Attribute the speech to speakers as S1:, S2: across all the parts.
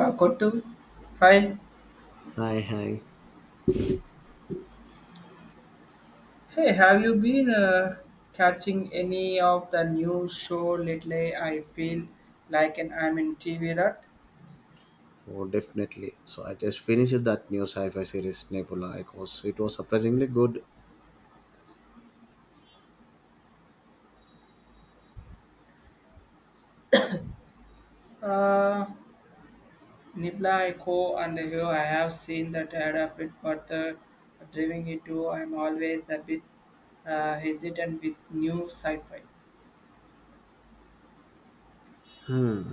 S1: Kottu, hi.
S2: Hi, hi.
S1: Hey, have you been catching any of the new show lately? I feel like an I'm in TV rut.
S2: Oh, definitely. So I just finished that new sci-fi series Nebula Echoes. It was surprisingly good.
S1: Uh, Nibla Echo and here I have seen that ad of it for the driving it to. I'm always a bit hesitant with new sci-fi.
S2: Hmm.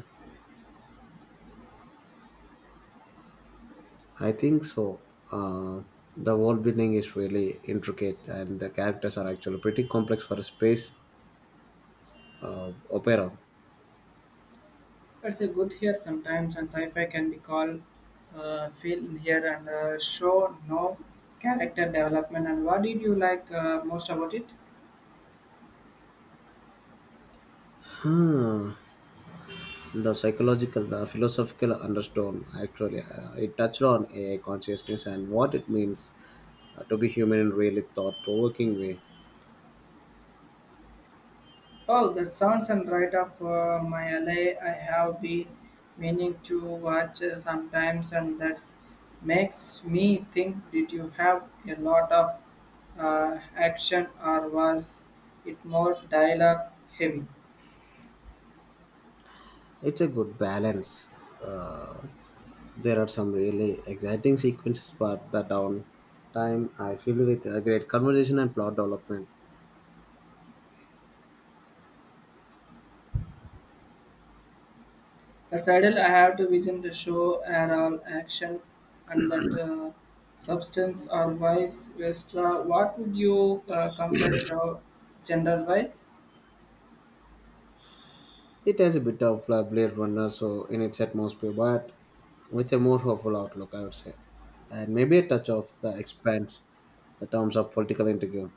S2: I think so. Uh, the world building is really intricate, and the characters are actually pretty complex for a space opera.
S1: That's a good here sometimes, and sci-fi can be called feel in here and show no character development. And what did you like most about it?
S2: Hmm. The psychological, the philosophical undertone actually, it touched on AI consciousness and what it means to be human in really thought-provoking way.
S1: Oh, that sounds and right up my alley. I have been meaning to watch sometimes, and that makes me think. Did you have a lot of action, or was it more dialogue heavy?
S2: It's a good balance. Uh, there are some really exciting sequences, but the downtime I feel with a great conversation and plot development.
S1: That's ideal. I have to vision the show are all action, and that substance or vice versa. What would you compare it to gender wise?
S2: It has a bit of a Blade Runner, so in its atmosphere, but with a more hopeful outlook, I would say, and maybe a touch of the expanse, the terms of political intrigue.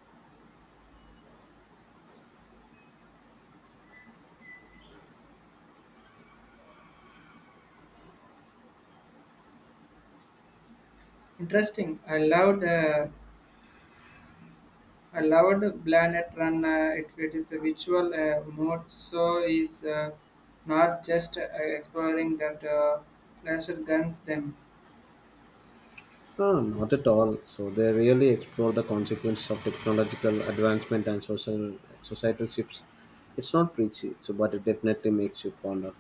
S1: Interesting. I loved. I loved Planet Run. It is a visual mode, so is not just exploring that laser guns them.
S2: No, not at all. So they really explore the consequences of technological advancement and social societal shifts. It's not preachy, so but it definitely makes you ponder.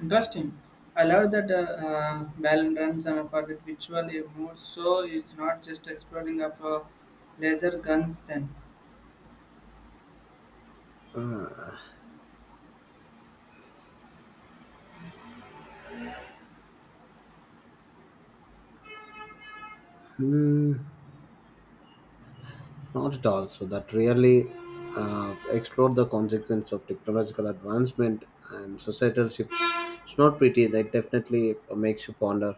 S1: Interesting. I love that Balan runs and for that visual mode, so it's not just exploring of laser guns them.
S2: Mm, not at all. So that really explored the consequence of technological advancement and societal shifts. It's not pretty. That definitely makes you ponder.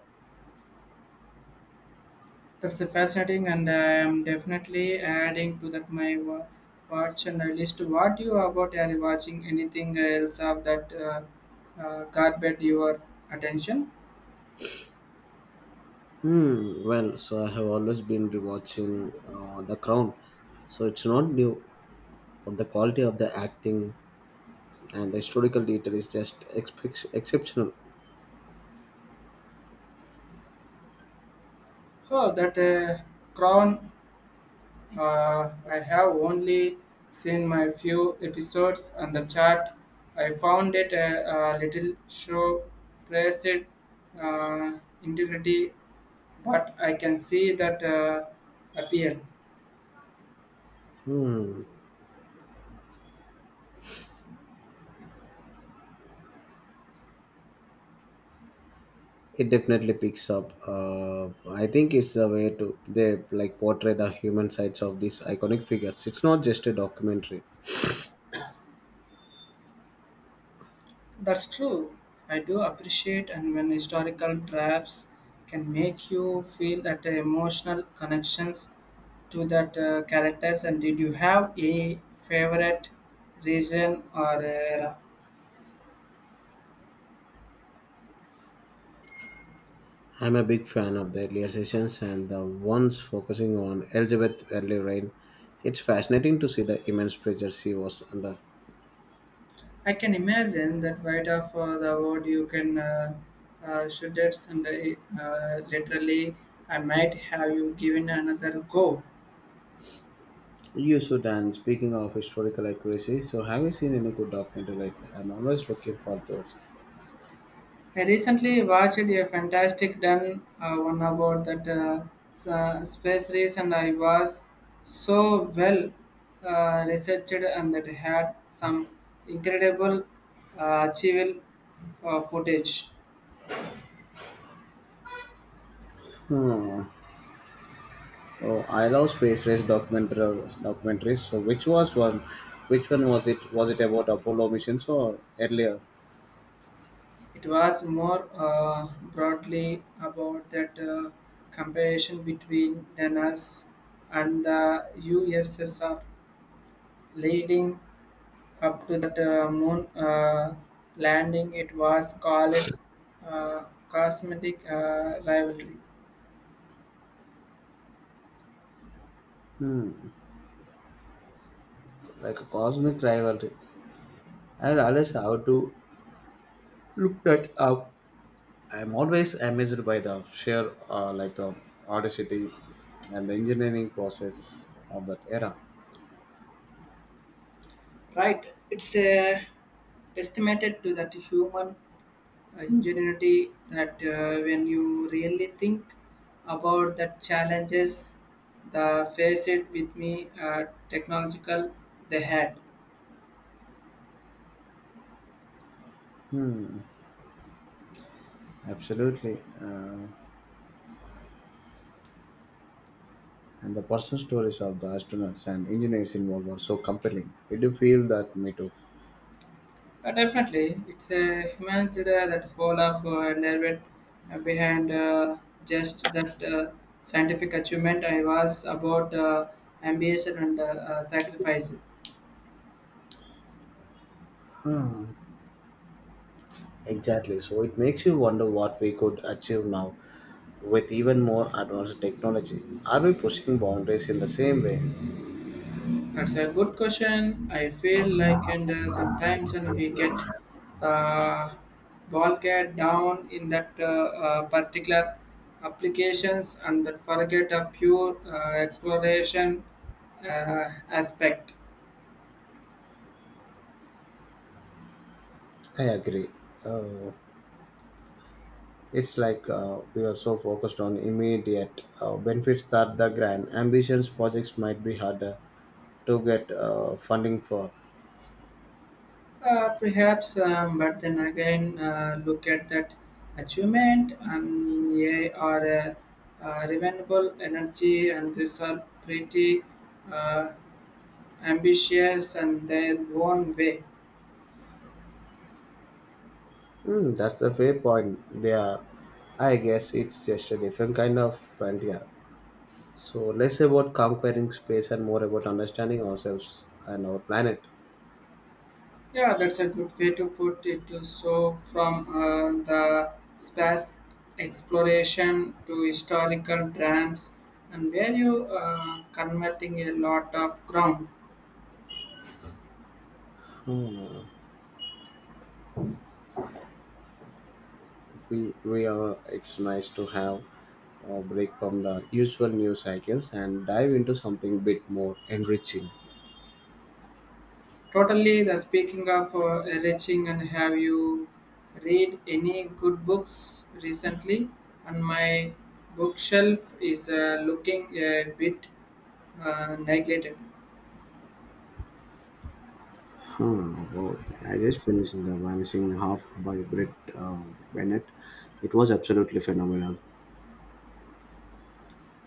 S1: That's a fascinating, and I am definitely adding to that my watch and list. What you about? Are you watching anything else of that carpet your attention?
S2: Hmm. Well, so I have always been rewatching The Crown. So it's not new, but the quality of the acting and the historical detail is just exceptional.
S1: Oh, that crown! I have only seen my few episodes on the chart. I found it a little show praised uh, integrity, but I can see that appeal.
S2: Hmm. It definitely picks up, I think it's the way to they like portray the human sides of these iconic figures. It's not just a documentary.
S1: That's true. I do appreciate and when historical drafts can make you feel that emotional connections to that characters and did you have a favorite region or era?
S2: I'm a big fan of the earlier sessions and the ones focusing on Elizabeth early reign. It's fascinating to see the immense pressure she was under.
S1: I can imagine that right off the word you can shoot it and literally I might have you given another go.
S2: You should. And speaking of historical accuracy, so have you seen any good documentary lately? I'm always looking for those.
S1: I recently watched a fantastic done one about that space race, and I was so well researched and that had some incredible achievable footage.
S2: Hmm. Oh, I love space race documentaries. Documentaries. So, which was one? Which one was it? Was it about Apollo missions or earlier?
S1: It was more broadly about that comparison between than us and the USSR leading Up to that moon landing, it was called uh, cosmetic rivalry.
S2: Like a cosmic rivalry. I realize how to look that up. I'm always amazed by the sheer audacity and the engineering process of that era.
S1: Right, it's a testament to that human ingenuity that when you really think about the challenges the faced with me technological they had.
S2: Absolutely. And the personal stories of the astronauts and engineers involved were so compelling. Did you feel that? Me too.
S1: Definitely, it's a human that whole of nerve behind just that scientific achievement. I was about ambition and sacrifice.
S2: Exactly. So it makes you wonder what we could achieve now with even more advanced technology. Are we pushing boundaries in the same way?
S1: That's a good question. I feel like and sometimes when we get the ball get down in that particular applications and that forget a pure exploration aspect.
S2: I agree. Uh, it's like we are so focused on immediate benefits that the grand ambitions projects might be harder to get funding for.
S1: Perhaps, but then again, look at that achievement and in AI or renewable energy, and these are pretty uh, ambitious and their own way.
S2: Hmm, that's a fair point. They are, I guess it's just a different kind of frontier. So less about conquering space and more about understanding ourselves and our planet.
S1: Yeah, that's a good way to put it. Too. So, from the space exploration to historical drams, and where you converting a lot of ground.
S2: We are. It's nice to have a break from the usual news cycles and dive into something bit more enriching.
S1: Totally. The speaking of reaching, and have you read any good books recently? And my bookshelf is looking a bit neglected.
S2: Huh, both. I just finished The Vanishing Half by Britt Bennett. It was absolutely phenomenal.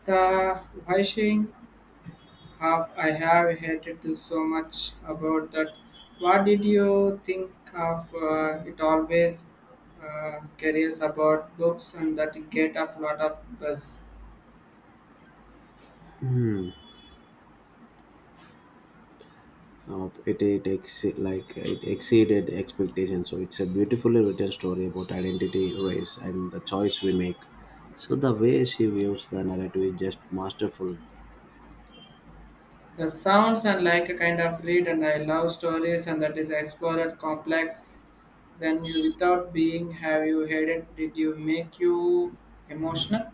S1: The washing half I have hated to so much about that. What did you think of it? Always curious about books and that get a lot of buzz.
S2: Like it exceeded expectations. So it's a beautifully written story about identity, race, and the choice we make. So the way she views the narrative is just masterful.
S1: The sounds and like a kind of read, and I love stories, and that is explorer complex. Then you, without being, have you heard it? Did you make you emotional?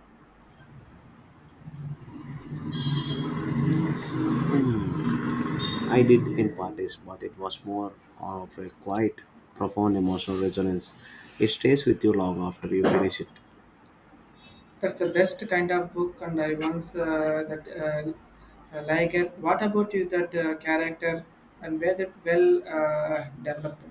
S2: I did in parties, but it was more of a quiet, profound emotional resonance. It stays with you long after you finish it.
S1: That's the best kind of book, and I once that like it. What about you? That character and where that well developed.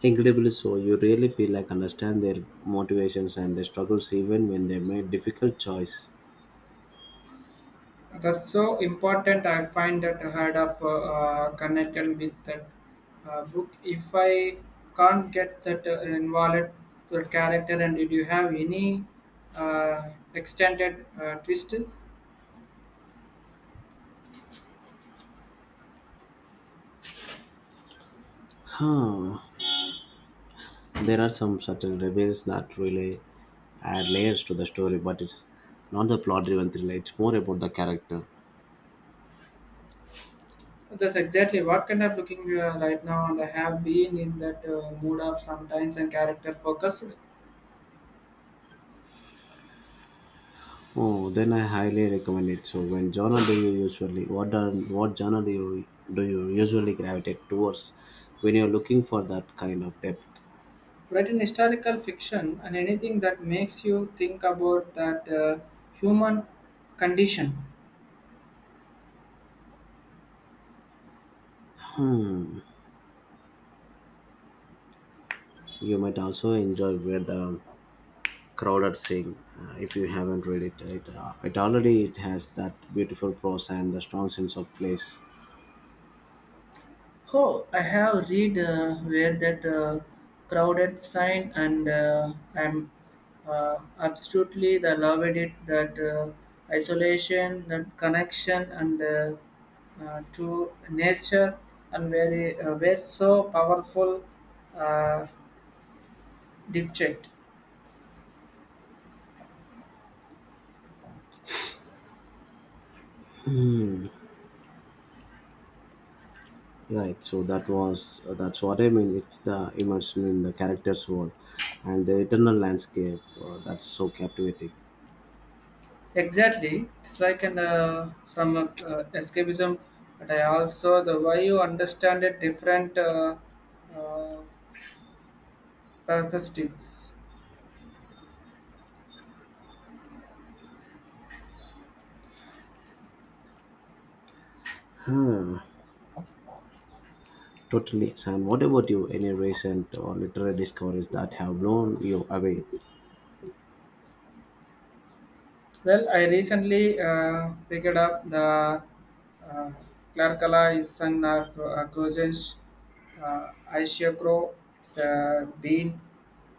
S2: Incredibly so, you really feel like understand their motivations and their struggles even when they made difficult choice.
S1: That's so important. I find that I had of connected with that book. If I can't get that involved the character, and did you have any uh, extended twists?
S2: Huh. There are some subtle reveals that really add layers to the story, but it's not the plot driven thriller, it's more about the character.
S1: That's exactly what kind of looking right now, and I have been in that mood of sometimes and character focused.
S2: Oh, then I highly recommend it. So, when genre do you usually what are, what genre do you usually gravitate towards when you're looking for that kind of depth?
S1: But in historical fiction and anything that makes you think about that human condition.
S2: You might also enjoy where the crowded sing, if you haven't read it. It already it has that beautiful prose and the strong sense of place.
S1: Oh, I have read where that crowded sign, and I'm absolutely the loved it that isolation, that connection, and to nature, and very so powerful uh, deep checked.
S2: Right. That's what I mean. It's the immersion in the character's world and the eternal landscape that's so captivating.
S1: Exactly, it's like an from escapism, but I also the way you understand it different uh, perspectives.
S2: Totally. Sam. What about you? Any recent or literary discoveries that have blown you away?
S1: Well, I recently picked up the uh, Clarkala is son of Crozen's Aishakro. It's been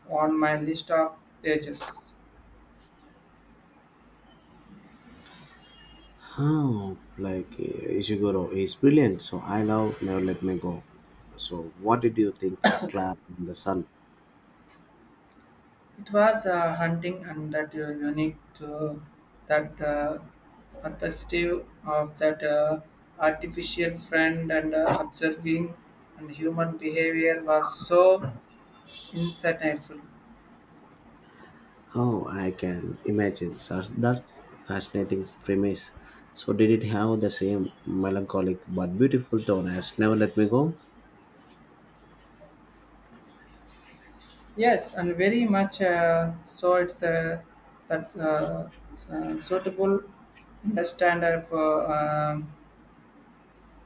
S1: on my list of ages.
S2: Oh, like Ishiguro is brilliant, so I love Never Let Me Go. So, what did you think? Like Clara in the Sun?
S1: It was hunting and that unique to that perspective of that artificial friend and observing and human behavior was so insightful.
S2: Oh, I can imagine. So that's fascinating premise. So, did it have the same melancholic but beautiful tone as Never Let Me Go?
S1: Yes, and very much so. It's suitable understander for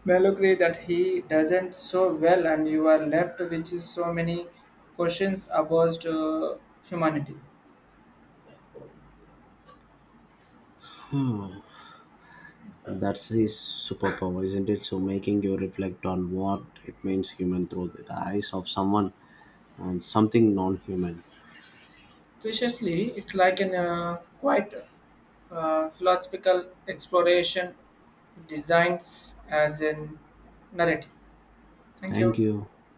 S1: Mallory that he doesn't so well, and you are left with so many questions about humanity.
S2: That's his superpower, isn't it? So, making you reflect on what it means human through the eyes of someone and something non human.
S1: Preciously, it's like an quite philosophical exploration, designs as in narrative. Thank you.
S2: Thank you.